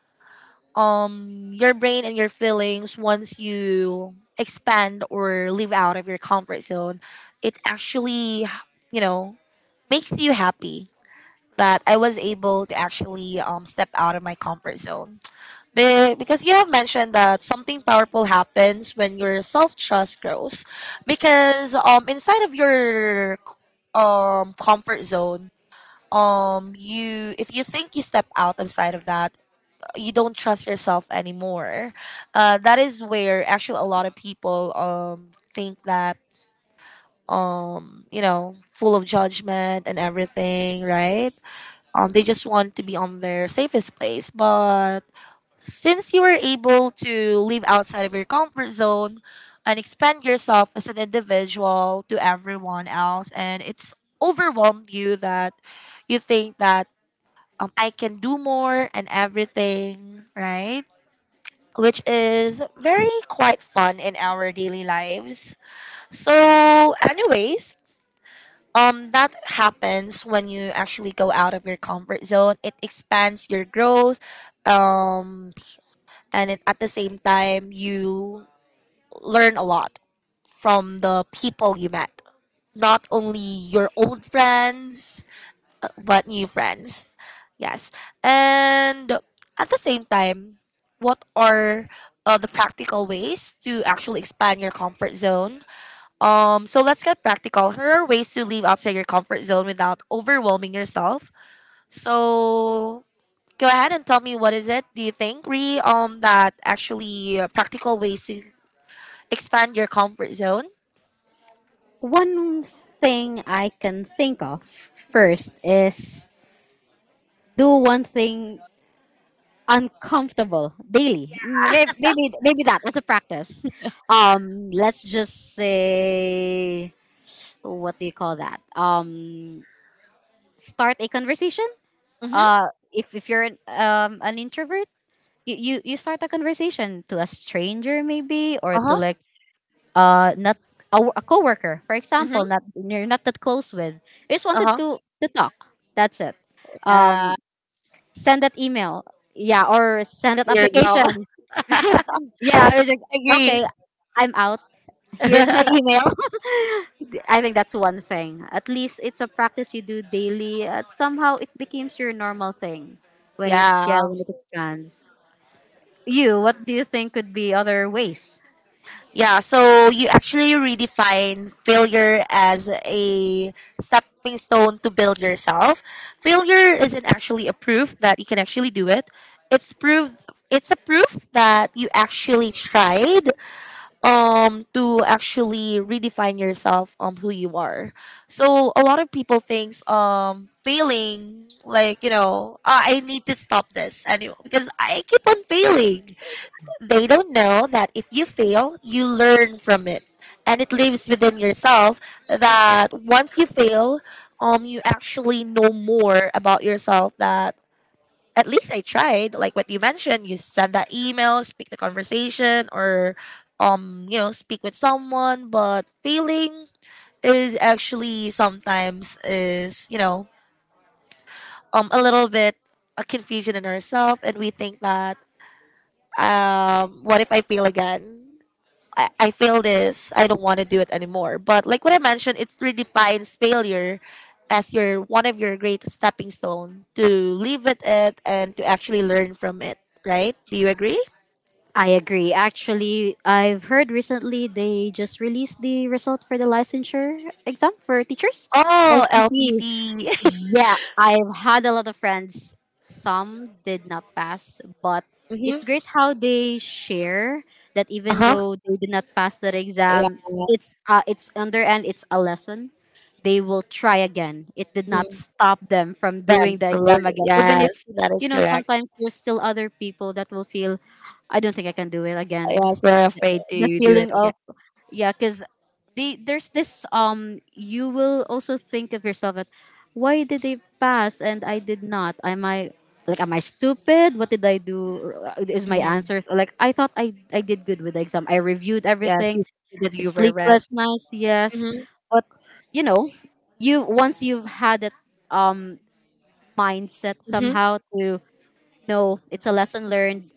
Speaker 1: your brain and your feelings, once you expand or live out of your comfort zone, it actually, you know, makes you happy that I was able to actually step out of my comfort zone. Because you have mentioned that something powerful happens when your self trust grows, because, inside of your, comfort zone, you, if you think you step out of side of that, you don't trust yourself anymore. That is where actually a lot of people think that, full of judgment and everything, right? They just want to be on their safest place, but since you were able to live outside of your comfort zone and expand yourself as an individual to everyone else, and it's overwhelmed you that you think that, I can do more and everything, right? Which is very quite fun in our daily lives. So, anyways, that happens when you actually go out of your comfort zone. It expands your growth. Um, and it, at the same time, you learn a lot from the people you met, not only your old friends but new friends. Yes. And at the same time, what are, the practical ways to actually expand your comfort zone? So let's get practical. Here are ways to leave outside your comfort zone without overwhelming yourself. So go ahead and tell me, what is it, do you think, Re, that actually, practical ways to expand your comfort zone?
Speaker 2: One thing I can think of first is do one thing uncomfortable daily. Maybe that as a practice. Let's just say, what do you call that? Start a conversation.
Speaker 1: Mm-hmm.
Speaker 2: If you're an introvert, you start a conversation to a stranger, maybe, or to
Speaker 1: Uh-huh.
Speaker 2: like not a, a coworker for example,
Speaker 1: Mm-hmm.
Speaker 2: not you're not that close with, you just wanted
Speaker 1: Uh-huh.
Speaker 2: to talk, that's it.
Speaker 1: Yeah.
Speaker 2: Um, send that email, yeah, or send that
Speaker 1: Your
Speaker 2: application.
Speaker 1: job.
Speaker 2: Yeah, it's like, okay,
Speaker 1: Agree.
Speaker 2: I'm out. Here's my email. I think that's one thing. At least it's a practice you do daily. Somehow it becomes your normal thing when it, yeah,
Speaker 1: Yeah.
Speaker 2: when it expands. You, what do you think could be other ways?
Speaker 1: Yeah. So you actually redefine failure as a stepping stone to build yourself. Failure isn't actually a proof that you can actually do it. It's proof it's a proof that you actually tried to actually redefine yourself, who you are. So a lot of people thinks failing, like, I need to stop this anyway because I keep on failing. They don't know that if you fail, you learn from it, and it lives within yourself, that once you fail, you actually know more about yourself, that at least I tried. Like what you mentioned, you send that email, speak the conversation, or, speak with someone. But failing is actually sometimes is, a little bit a confusion in ourselves, and we think that, what if I fail again? I fail this. I don't want to do it anymore. But like what I mentioned, it redefines failure as your one of your great stepping stone to live with it and to actually learn from it. Right? Do you agree?
Speaker 2: I agree. Actually, I've heard recently they just released the result for the licensure exam for teachers,
Speaker 1: Oh,
Speaker 2: LPT.
Speaker 1: LPT.
Speaker 2: Yeah, I've had a lot of friends. Some did not pass, but
Speaker 1: Mm-hmm.
Speaker 2: it's great how they share that
Speaker 1: Uh
Speaker 2: even
Speaker 1: huh.
Speaker 2: though they did not pass that
Speaker 1: Yeah.
Speaker 2: exam, it's on their end, it's a lesson. They will try again. It did not
Speaker 1: Mm-hmm.
Speaker 2: stop them from
Speaker 1: Them
Speaker 2: doing the
Speaker 1: for
Speaker 2: exam
Speaker 1: learning.
Speaker 2: again, even if
Speaker 1: Yes, that
Speaker 2: you
Speaker 1: is
Speaker 2: know
Speaker 1: correct.
Speaker 2: sometimes there's still other people that will feel, I don't think I can do it again,
Speaker 1: Yes, they're afraid
Speaker 2: the
Speaker 1: to do it
Speaker 2: feeling
Speaker 1: again.
Speaker 2: of yeah because there's this you will also think of yourself at, why did they pass and I did not, am i, like am I stupid, what did I do, is my
Speaker 1: Mm-hmm.
Speaker 2: answers, or like I thought i did good with the exam, I reviewed
Speaker 1: Yes,
Speaker 2: everything,
Speaker 1: you did you were
Speaker 2: sleepless
Speaker 1: rest.
Speaker 2: nights, yes.
Speaker 1: Mm-hmm.
Speaker 2: But you know, you once you've had that um mindset
Speaker 1: Mm-hmm.
Speaker 2: somehow to, no it's a lesson learned,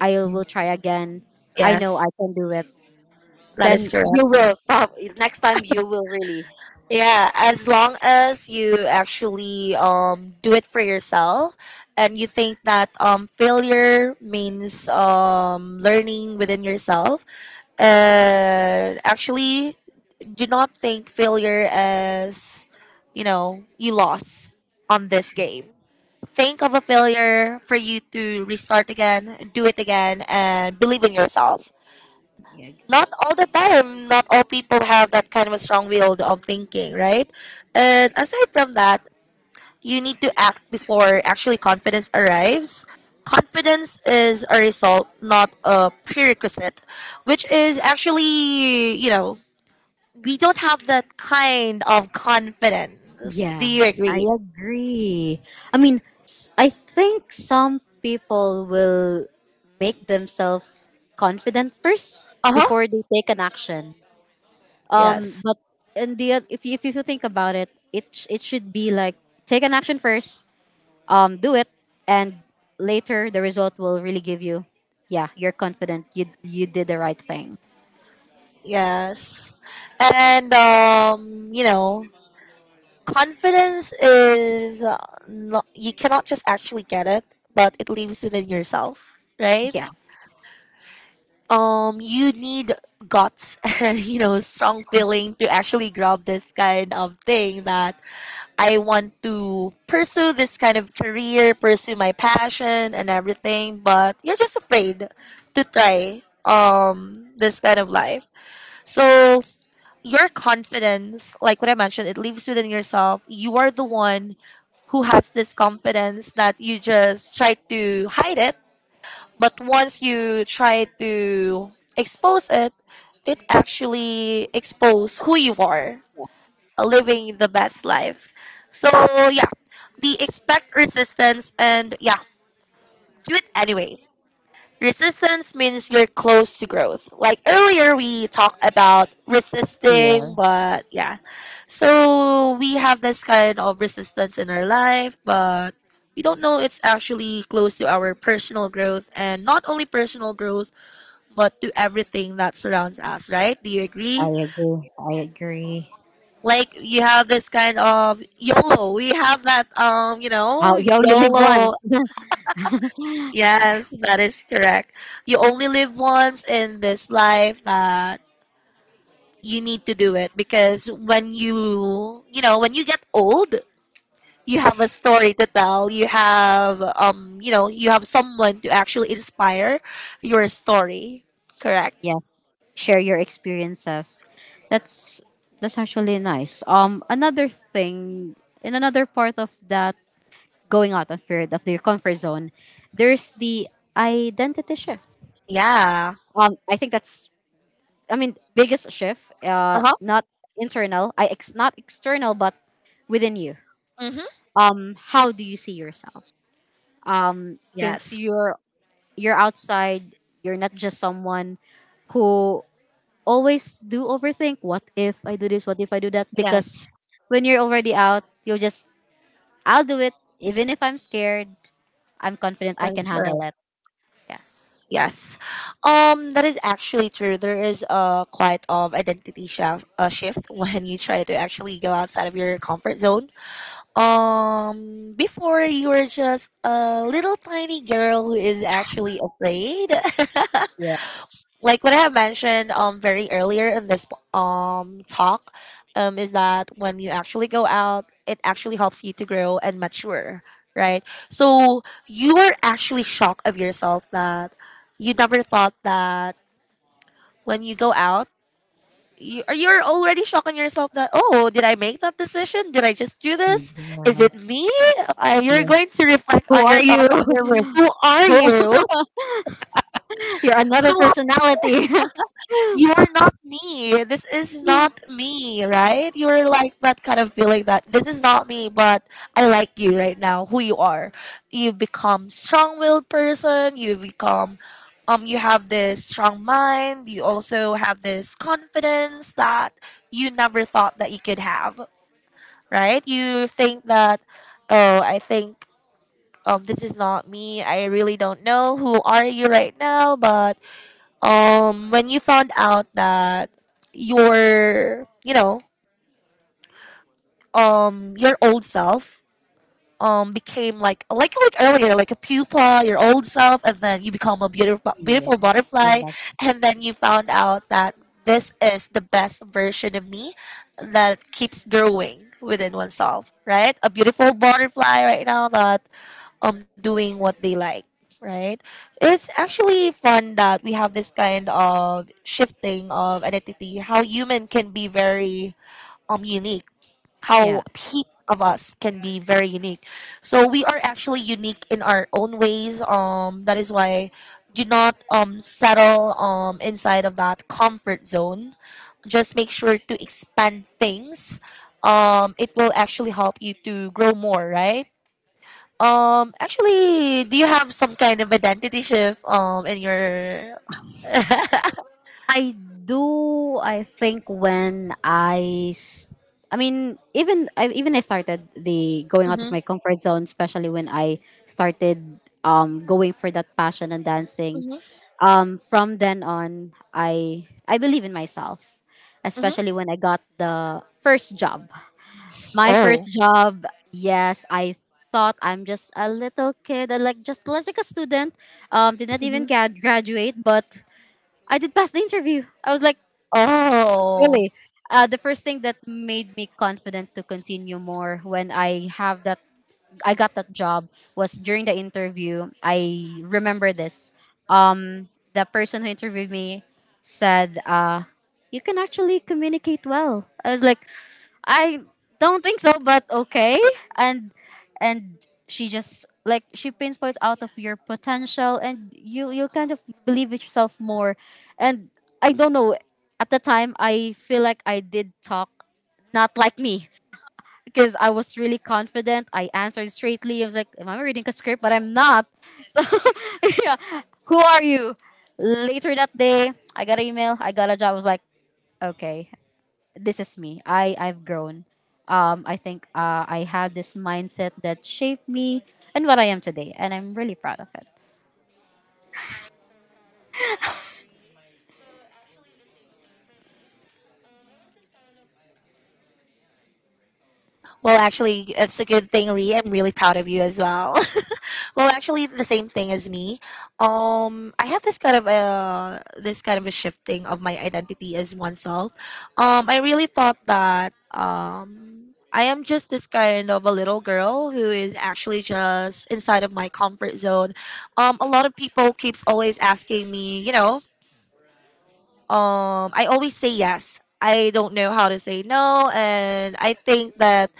Speaker 2: I will try again, I know I
Speaker 1: Yes,
Speaker 2: can do it,
Speaker 1: that is
Speaker 2: then you
Speaker 1: correct.
Speaker 2: will next time you will really.
Speaker 1: Yeah, as long as you actually do it for yourself, and you think that failure means learning within yourself, and actually, do not think failure as, you lost on this game. Think of a failure for you to restart again, do it again and believe in yourself.
Speaker 2: Yeah.
Speaker 1: Not all the time not all people have that kind of a strong will of thinking, right? And aside from that, you need to act before actually confidence arrives. Confidence is a result, not a prerequisite, which is actually, you know, we don't have that kind of confidence. Do you
Speaker 2: Yes, I
Speaker 1: agree?
Speaker 2: agree. I mean, I think some people will make themselves confident first
Speaker 1: Uh-huh.
Speaker 2: before they take an action.
Speaker 1: Yes,
Speaker 2: But in the if you think about it, it should be like take an action first, do it, and later the result will really give you, yeah, you're confident, you did the right thing.
Speaker 1: yes. And you know, confidence is not, you cannot just actually get it, but it lives within yourself, right?
Speaker 2: Yeah.
Speaker 1: You need guts and, you know, strong feeling to actually grab this kind of thing that I want to pursue this kind of career, pursue my passion and everything, but you're just afraid to try this kind of life. So your confidence, like what I mentioned, it lives within yourself. You are the one who has this confidence that you just try to hide it. But once you try to expose it, it actually expose who you are, living the best life. So yeah, the expect resistance and yeah, do it anyway. Resistance means you're close to growth. Like earlier, we talked about resisting, but yeah. So we have this kind of resistance in our life, but we don't know it's actually close to our personal growth and not only personal growth, but to everything that surrounds us, right? Do you
Speaker 2: I
Speaker 1: agree?
Speaker 2: agree. I agree.
Speaker 1: Like you have this kind of YOLO. We have that, you
Speaker 2: Oh,
Speaker 1: know,
Speaker 2: you only live
Speaker 1: YOLO.
Speaker 2: once.
Speaker 1: Yes, that is correct. You only live once in this life that you need to do it because when you know, when you get old, you have a story to tell. You have you know, you have someone to actually inspire your story. Correct?
Speaker 2: Yes. Share your experiences. That's that's actually nice. Another thing in another part of that going out of your comfort zone, there's the identity shift.
Speaker 1: Yeah.
Speaker 2: I think that's, I mean, biggest shift.
Speaker 1: Uh-huh.
Speaker 2: Not internal. I ex not external, but within you.
Speaker 1: Mhm.
Speaker 2: How do you see yourself? Since
Speaker 1: Yes.
Speaker 2: you're outside, you're not just someone who always do overthink, what if I do this, what if I do that, because
Speaker 1: Yes.
Speaker 2: when you're already out you'll just, I'll do it even if I'm scared, I'm confident I
Speaker 1: That
Speaker 2: can
Speaker 1: is
Speaker 2: handle
Speaker 1: correct.
Speaker 2: it, yes.
Speaker 1: Yes. That is actually true. There is a quite of identity shift, shift when you try to actually go outside of your comfort zone. Before you were just a little tiny girl who is actually afraid.
Speaker 2: Yeah.
Speaker 1: Like what I have mentioned very earlier in this talk is that when you actually go out, it actually helps you to grow and mature, right? So you are actually shocked of yourself that you never thought that when you go out, you're already shocked on yourself that, oh, did I make that decision? Did I just do this? Is it
Speaker 2: Yes.
Speaker 1: me? You're
Speaker 2: Yeah.
Speaker 1: going to reflect
Speaker 2: Who
Speaker 1: on
Speaker 2: are
Speaker 1: yourself
Speaker 2: you?
Speaker 1: on your way. Who are you?
Speaker 2: Who- You're another
Speaker 1: Who
Speaker 2: personality.
Speaker 1: you're not me. This is not me,
Speaker 2: Yeah.
Speaker 1: right? You were like that kind of feeling that this is not me, but I like you right now, who you are. You've become strong-willed person. You've become, you have this strong mind. You also have this confidence that you never thought that you could have, right? You think that, oh, I think. This is not me. I really don't know who are you right now, but when you found out that your, you know, your old self became like earlier, like a pupa, your old self, and then you become a beautiful butterfly, and then you found out that this is the best version of me that keeps growing within oneself, right? A beautiful butterfly right now that doing what they like, right? It's actually fun that we have this kind of shifting of identity, how human can be very unique, how
Speaker 2: Yeah.
Speaker 1: peak of us can be very unique. So we are actually unique in our own ways, that is why do not settle inside of that comfort zone. Just make sure to expand things. It will actually help you to grow more, right? Um, actually, do you have some kind of identity shift in your?
Speaker 2: I do. I think when I mean, even I started the going out of my
Speaker 1: Mm-hmm,
Speaker 2: comfort zone, especially when I started going for that passion and dancing.
Speaker 1: mm-hmm,
Speaker 2: From then on, I believe in myself, especially
Speaker 1: mm-hmm.
Speaker 2: when I got the first job. My
Speaker 1: Oh.
Speaker 2: first job, yes, I thought I'm just a little kid, like just like a student. Did not even
Speaker 1: Mhm.
Speaker 2: graduate, but I did pass the interview. I was like,
Speaker 1: Oh.
Speaker 2: really, the first thing that made me confident to continue more when I have that, I got that job, was during the interview. I remember this. Um, the person who interviewed me said, "You can actually communicate well." I was like, "I don't think so, but okay." And and she just like she pinpoints out of your potential, and you kind of believe in yourself more. And I don't know. At the time, I feel like I did talk not like me because I was really confident. I answered straightly. I was like, am I reading a script? But I'm not. So, yeah. Who are you? Later that day, I got an email. I got a job. I was like, okay, this is me. I've grown. I think I have this mindset that shaped me and what I am today. And I'm really proud of it.
Speaker 1: Well, actually, it's a good thing, Ree. I'm really proud of you as well. Well, actually, the same thing as me. I have this kind of a shifting of my identity as oneself. I really thought that I am just this kind of a little girl who is actually just inside of my comfort zone. A lot of people keeps always asking me, you know, I always say yes. I don't know how to say no and I think that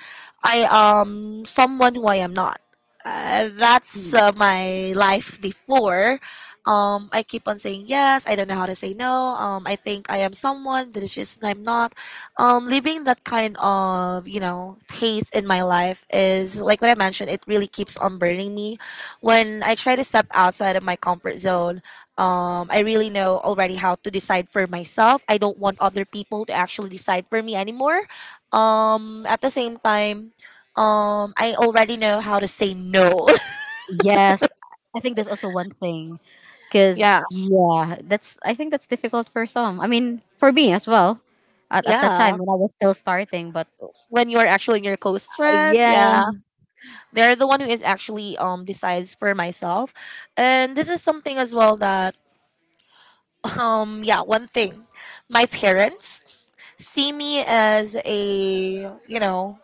Speaker 1: I am someone who I am not. That's my life before. I keep on saying yes. I don't know how to say no. I think I am someone that is just I'm not. Living that kind of, you know, pace in my life is like what I mentioned. It really keeps on burning me when I try to step outside of my comfort zone. I really know already how to decide for myself. I don't want other people to actually decide for me anymore. At the same time, I already know how to say no.
Speaker 2: Yes. I think there's also one thing. Because,
Speaker 1: Yeah,
Speaker 2: yeah, that's, I think that's difficult for some. I mean, for me as well at that
Speaker 1: yeah.
Speaker 2: time when I was still starting. But
Speaker 1: When you are actually your close friend,
Speaker 2: yeah.
Speaker 1: yeah, they're the one who is actually decides for myself, and this is something as well that yeah, one thing, my parents see me as a, you know,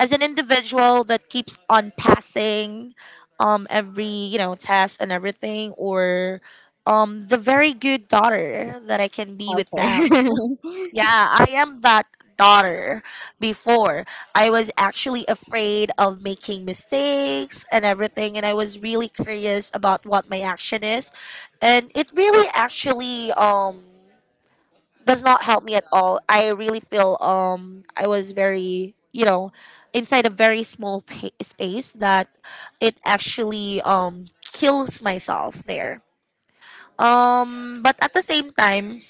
Speaker 1: as an individual that keeps on passing every, you know, test and everything or the very good daughter that I can be with them.
Speaker 2: Okay.
Speaker 1: Yeah, I am that daughter before. I was actually afraid of making mistakes and everything and I was really curious about what my action is, and it really actually does not help me at all. I really feel I was very, you know, inside a very small space that it actually kills myself there. But at the same time,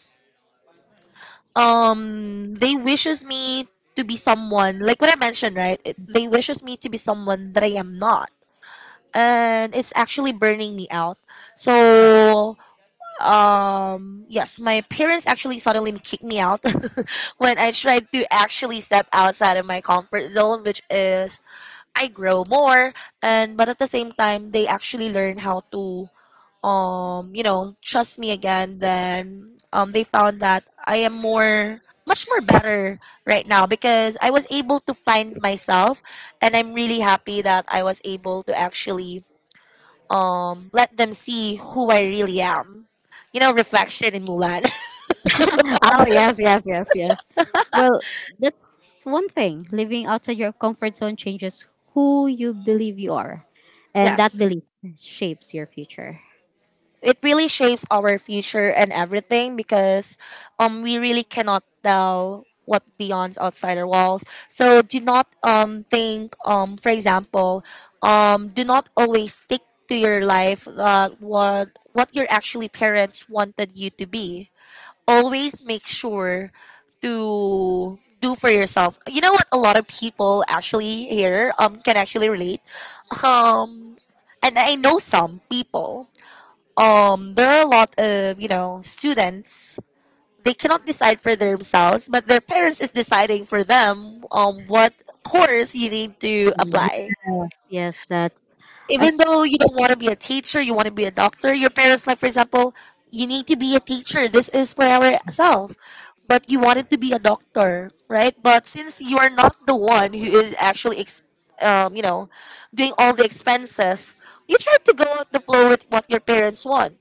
Speaker 1: they wishes me to be someone like what I mentioned, right? It, they wishes me to be someone that I am not, and it's actually burning me out. So yes, my parents actually suddenly kicked me out when I tried to actually step outside of my comfort zone, which is I grow more. And but at the same time, they actually learn how to you know, trust me again. Then they found that I am more, much more better right now because I was able to find myself, and I'm really happy that I was able to actually let them see who I really am. You know, reflection in Mulan.
Speaker 2: Oh yes, yes, yes, yes. Well, that's one thing. Living outside your comfort zone changes who you believe you are, and that
Speaker 1: Yes.
Speaker 2: belief shapes your future.
Speaker 1: It really shapes our future and everything because we really cannot tell what beyond's outside our walls. So do not think, for example, do not always stick to your life, what your actually parents wanted you to be. Always make sure to do for yourself. You know what? A lot of people actually here can actually relate. Um, and I know some people. There are a lot of, you know, students. They cannot decide for themselves, but their parents is deciding for them what course you need to apply
Speaker 2: Yes, yes, that's. I
Speaker 1: even though you don't want to be a teacher, you want to be a doctor. Your parents, like for example, you need to be a teacher. This is for ourselves. But you wanted to be a doctor, right? But since you are not the one who is actually, you know, doing all the expenses, you try to go with the flow with what your parents want.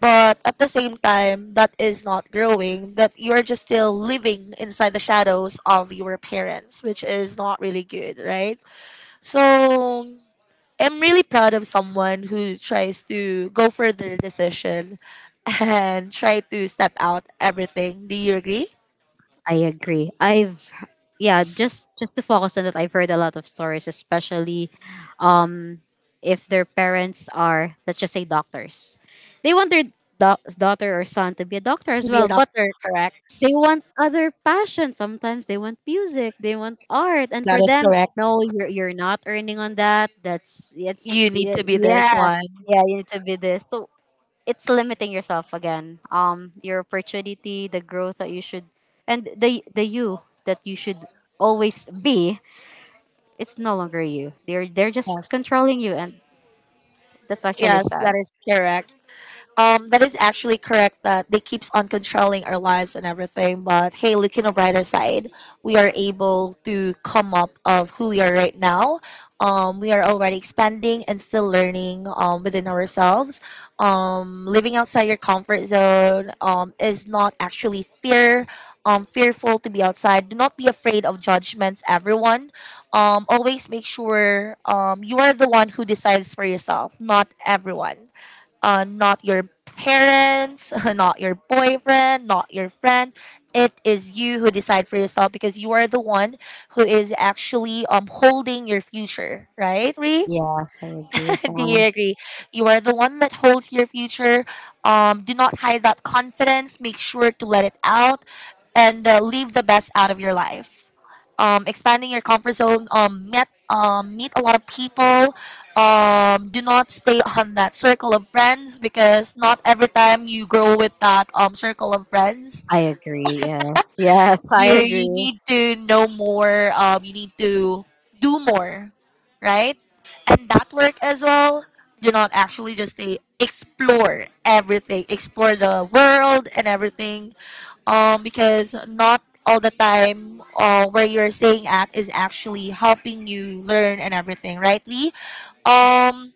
Speaker 1: But at the same time, that is not growing, that you are just still living inside the shadows of your parents, which is not really good, right? So am really proud of someone who tries to go for their decision and try to step out everything. Do you agree?
Speaker 2: I agree. I've yeah. Just to focus on that, I've heard a lot of stories, especially, um, if their parents are, let's just say, doctors, they want their daughter or son to be a doctor as
Speaker 1: To be a
Speaker 2: well, but
Speaker 1: doctor, correct?
Speaker 2: they want other passion. Sometimes they want music, they want art, and
Speaker 1: That
Speaker 2: for
Speaker 1: is
Speaker 2: them,
Speaker 1: correct.
Speaker 2: no, you're not earning on that. That's it's
Speaker 1: You need to be this
Speaker 2: yeah,
Speaker 1: one.
Speaker 2: yeah. You need to be this. So it's limiting yourself again. Your opportunity, the growth that you should, and the you that you should always be. It's no longer you. They're just
Speaker 1: Yes.
Speaker 2: controlling you, and that's actually
Speaker 1: Yes,
Speaker 2: sad.
Speaker 1: that is correct. That is actually correct that they keeps on controlling our lives and everything. But hey, look in the brighter side, we are able to come up of who we are right now. We are already expanding and still learning, within ourselves. Living outside your comfort zone, is not actually fear. Fearful to be outside. Do not be afraid of judgments, everyone. Always make sure, you are the one who decides for yourself, not everyone, not your parents, not your boyfriend, not your friend. It is you who decide for yourself because you are the one who is actually holding your future, right, Ree?
Speaker 2: Yes, I agree.
Speaker 1: Do
Speaker 2: So
Speaker 1: you agree? You are the one that holds your future. Do not hide that confidence. Make sure to let it out and, leave the best out of your life, expanding your comfort zone, um, meet a lot of people. Do not stay on that circle of friends because not every time you grow with that, circle of friends.
Speaker 2: I agree. Yes, yes, I
Speaker 1: You
Speaker 2: agree.
Speaker 1: need to know more. You need to do more, right? And that work as well. Do not actually just stay. Explore everything. Explore the world and everything because not all the time, where you're staying at is actually helping you learn and everything, right, Ree? um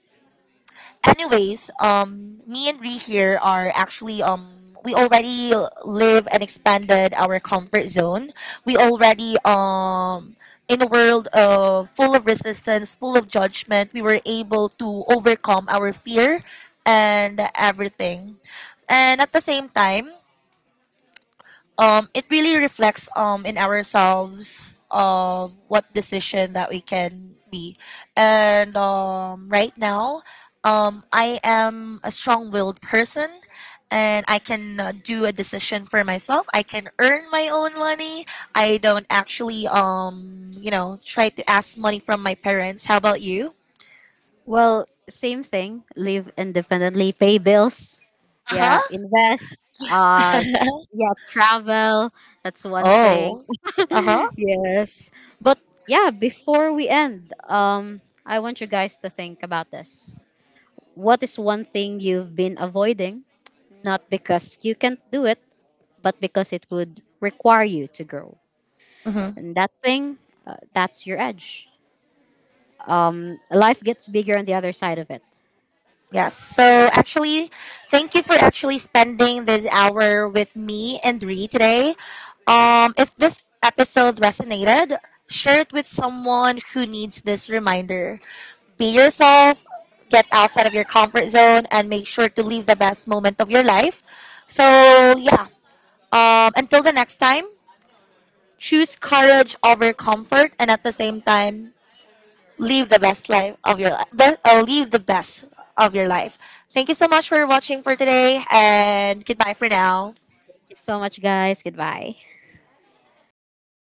Speaker 1: Anyways, me and Ree here are actually, we already live and expanded our comfort zone. We already, in a world of full of resistance, full of judgment, we were able to overcome our fear and everything. And at the same time, it really reflects, in ourselves of what decision that we can be. And right now, I am a strong willed person and I can, do a decision for myself. I can earn my own money. I don't actually, you know, try to ask money from my parents. How about you?
Speaker 2: Well, same thing. Live independently, pay bills. Yeah,
Speaker 1: Uh
Speaker 2: invest.
Speaker 1: huh.
Speaker 2: Uh, yeah, travel. That's one thing.
Speaker 1: Oh. Uh
Speaker 2: Yes, but yeah. Before we end, I want you guys to think about this. What is one thing you've been avoiding? Not because you can't do it, but because it would require you to grow.
Speaker 1: huh.
Speaker 2: And that thing, that's your edge. Mm, life gets bigger on the other side of it.
Speaker 1: Yes. So actually, thank you for actually spending this hour with me and Ree today. If this episode resonated, share it with someone who needs this reminder. Be yourself, get outside of your comfort zone, and make sure to live the best moment of your life. So yeah. Until the next time, choose courage over comfort, and at the same time, live the best life of your life. Live the best of your life. Thank you so much for watching for today, and goodbye for now.
Speaker 2: Thank you so much, guys. Goodbye.